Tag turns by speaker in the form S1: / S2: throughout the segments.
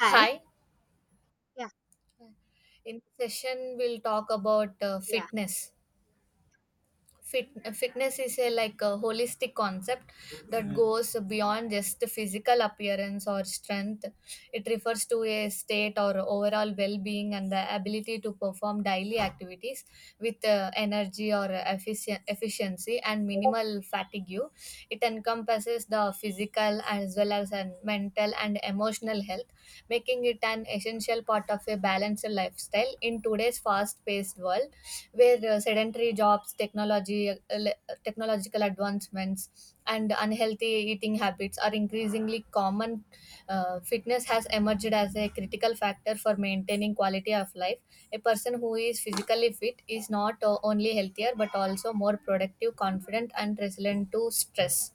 S1: Hi.
S2: Hi,
S1: Yeah,
S2: in this session we'll talk about
S1: yeah,
S2: fitness. Fitness is a like a holistic concept that goes beyond just the physical appearance or strength. It refers to a state or overall well-being and the ability to perform daily activities with energy or efficient efficiency and minimal fatigue. It encompasses the physical as well as an mental and emotional health, making it an essential part of a balanced lifestyle in today's fast-paced world, where sedentary jobs, technology, technological advancements, and unhealthy eating habits are increasingly common. Fitness has emerged as a critical factor for maintaining quality of life. A person who is physically fit is not only healthier but also more productive, confident, and resilient to stress.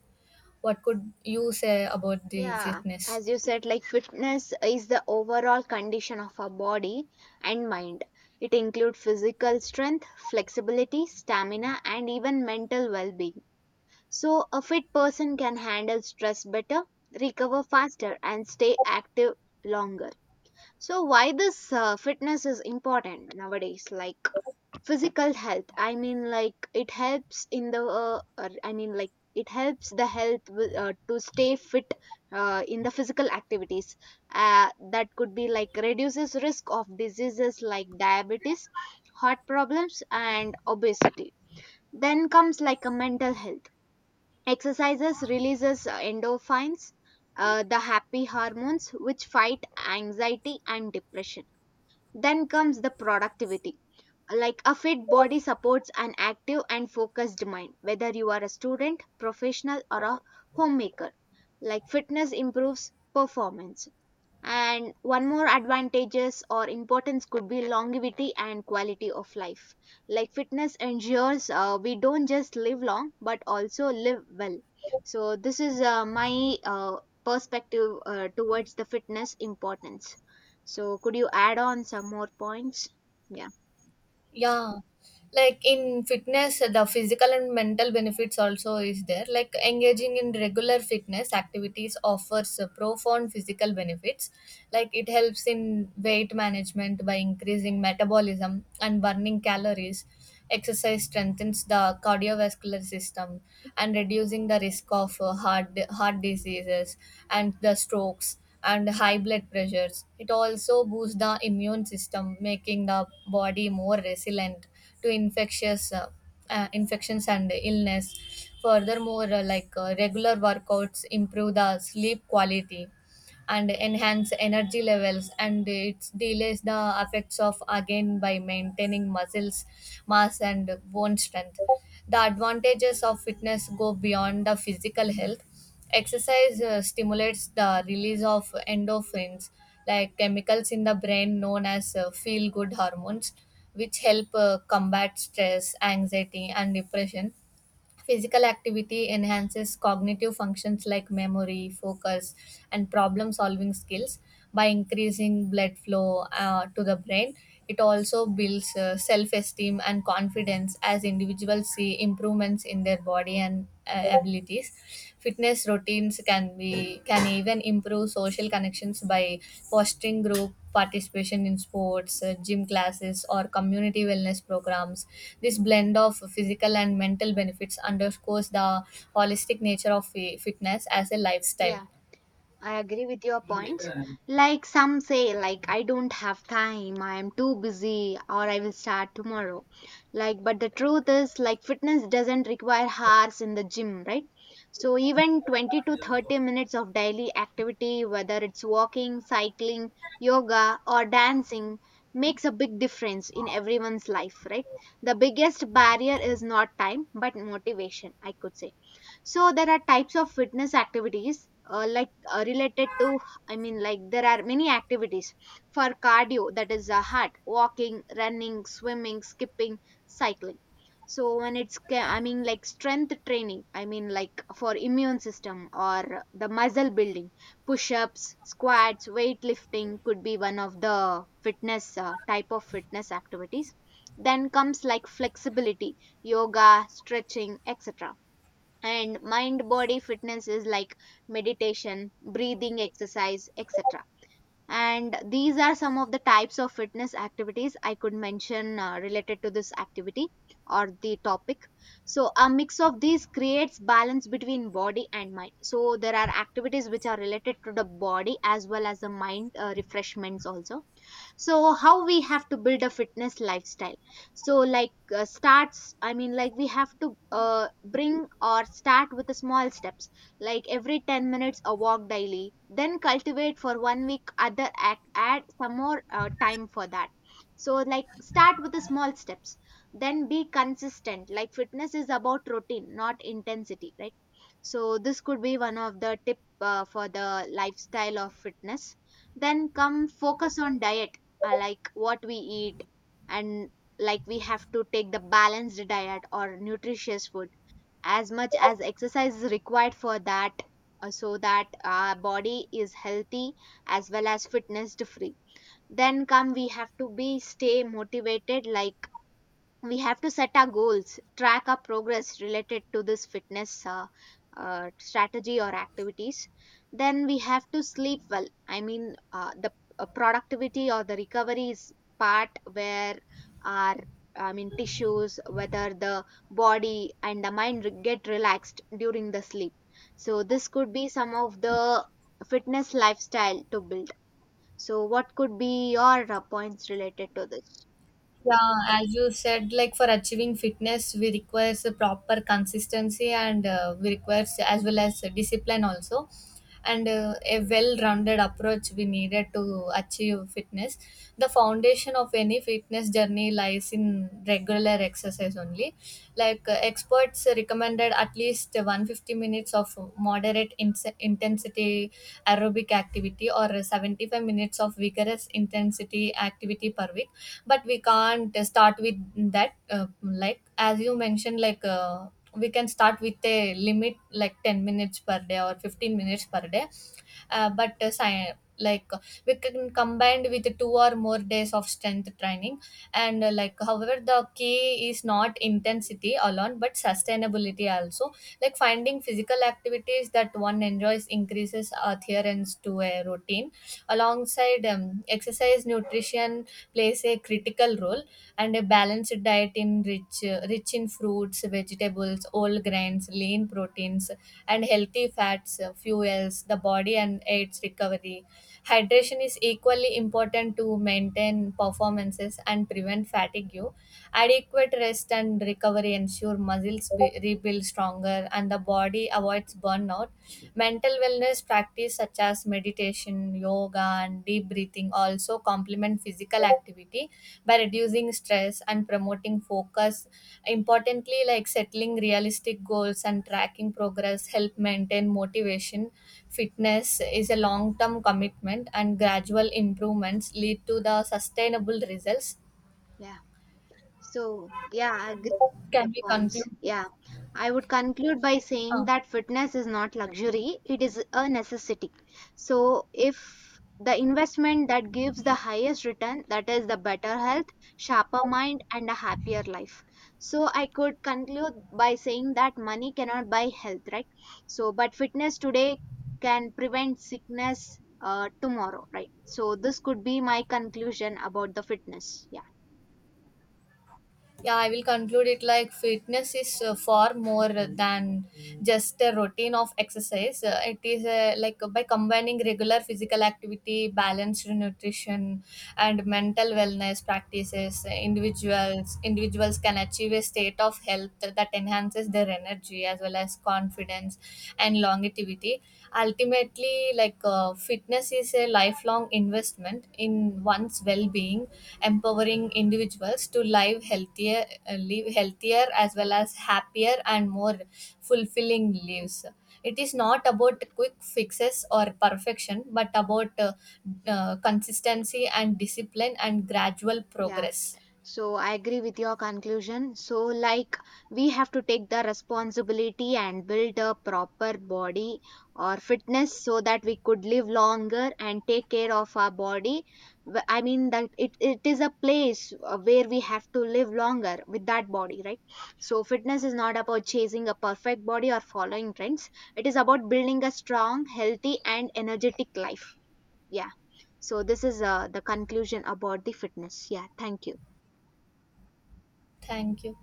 S2: What could you say about the
S1: yeah.
S2: fitness?
S1: As you said, like fitness is the overall condition of our body and mind. It includes physical strength, flexibility, stamina, and even mental well being. So a fit person can handle stress better, recover faster, and stay active longer. So why this fitness is important nowadays? Like, physical health, I mean like it helps in the I mean like it helps the to stay fit in the physical activities. uh, that could be like reduces risk of diseases like diabetes, heart problems, and obesity. Then comes like a mental health, exercises releases endorphins, the happy hormones which fight anxiety and depression. Then comes the productivity, like a fit body supports an active and focused mind. Whether you are a student, professional, or a homemaker, like fitness improves performance. And one more advantages or importance could be longevity and quality of life, like fitness ensures we don't just live long but also live well. So this is my perspective towards the fitness importance. So could you add on some more points? Yeah.
S2: Yeah, like in fitness, the physical and mental benefits also is there. Like engaging in regular fitness activities offers profound physical benefits. Like it helps in weight management by increasing metabolism and burning calories. Exercise strengthens the cardiovascular system and reducing the risk of heart diseases and the strokes and high blood pressures. It also boosts the immune system, making the body more resilient to infectious infections and illness. Furthermore, like regular workouts improve the sleep quality and enhance energy levels, and it delays the effects of again by maintaining muscles mass and bone strength. The advantages of fitness go beyond the physical health. Exercise stimulates the release of endorphins, like chemicals in the brain known as feel good hormones, which help combat stress, anxiety, and depression. Physical activity enhances cognitive functions like memory, focus, and problem solving skills by increasing blood flow to the brain. It also builds self esteem and confidence as individuals see improvements in their body and abilities. Fitness routines can even improve social connections by fostering group participation in sports, gym classes, or community wellness programs. This blend of physical and mental benefits underscores the holistic nature of fitness as a lifestyle.
S1: Yeah, I agree with your points. Like some say, like I don't have time, I am too busy, or I will start tomorrow. Like, but the truth is, like fitness doesn't require hours in the gym, right? So even 20 to 30 minutes of daily activity, whether it's walking, cycling, yoga, or dancing, makes a big difference in everyone's life, right? The biggest barrier is not time, but motivation, I could say. So there are types of fitness activities, like, related to, there are many activities. For cardio, that is a heart, walking, running, swimming, skipping, cycling. So when it's strength training, for immune system or the muscle building, push-ups, squats, weightlifting could be one of the fitness type of fitness activities. Then comes like flexibility, yoga, stretching, etc. And mind body fitness is like meditation, breathing exercise, etc. And these are some of the types of fitness activities I could mention related to this activity or the topic. So a mix of these creates balance between body and mind. So there are activities which are related to the body as well as the mind, refreshments also. So how we have to build a fitness lifestyle. So like, starts I mean like we have to bring or start with the small steps, like every 10 minutes a walk daily, then cultivate for one week, other act, add some more time for that. So like start with the small steps, then be consistent. Like fitness is about routine, not intensity, right? So this could be one of the tip for the lifestyle of fitness. Then come focus on diet, like what we eat. And like we have to take the balanced diet or nutritious food as much as exercise is required for that, so that our body is healthy as well as fitness free. Then come, we have to be stay motivated. Like we have to set our goals, track our progress related to this fitness strategy or activities. Then we have to sleep well. The productivity or the recovery is part where our, tissues, whether the body and the mind get relaxed during the sleep. So this could be some of the fitness lifestyle to build. So what could be your points related to this?
S2: Yeah, as you said, like for achieving fitness, we requires a proper consistency and we requires as well as discipline also, and a well-rounded approach we needed to achieve fitness. The foundation of any fitness journey lies in regular exercise only. Like experts recommended at least 150 minutes of moderate ins intensity aerobic activity or 75 minutes of vigorous intensity activity per week, but we can't start with that, like as you mentioned. We can start with a limit like 10 minutes per day or 15 minutes per day, but sci- like we can combined with two or more days of strength training. And Like however, the key is not intensity alone but sustainability also. Like finding physical activities that one enjoys increases adherence to a routine. Alongside exercise, nutrition plays a critical role, and a balanced diet in rich in fruits, vegetables, whole grains, lean proteins, and healthy fats fuels the body and aids recovery. Hydration is equally important to maintain performances and prevent fatigue. Adequate rest and recovery ensure muscles rebuild stronger and the body avoids burnout. Mental wellness practice such as meditation, yoga, and deep breathing also complement physical activity by reducing stress and promoting focus. Importantly, like settling realistic goals and tracking progress help maintain motivation. Fitness is a long term commitment, and gradual improvements lead to the sustainable results.
S1: Yeah. So, yeah, I agree with your
S2: Can we
S1: points.
S2: conclude this?
S1: Yeah, I would conclude by saying
S2: Ah.
S1: that fitness is not luxury, it is a necessity. So, if the investment that gives the highest return, that is the better health, sharper mind, and a happier life. So, I could conclude by saying that money cannot buy health, right? So, but fitness today can prevent sickness tomorrow, right? So, this could be my conclusion about the fitness. Yeah,
S2: Yeah, I will conclude it like fitness is far more than just a routine of exercise. It is, like, by combining regular physical activity, balanced nutrition, and mental wellness practices, individuals can achieve a state of health that enhances their energy as well as confidence and longevity. Ultimately, like, fitness is a lifelong investment in one's well-being, empowering individuals to live healthier, as well as happier and more fulfilling lives. It is not about quick fixes or perfection, but about consistency and discipline and gradual
S1: yeah.
S2: progress.
S1: So I agree with your conclusion. So like we have to take the responsibility and build a proper body or fitness so that we could live longer and take care of our body. I mean that it is a place where we have to live longer with that body, right? So fitness is not about chasing a perfect body or following trends. It is about building a strong, healthy and energetic life. Yeah. So this is the conclusion about the fitness. Yeah. Thank you.
S2: Thank you.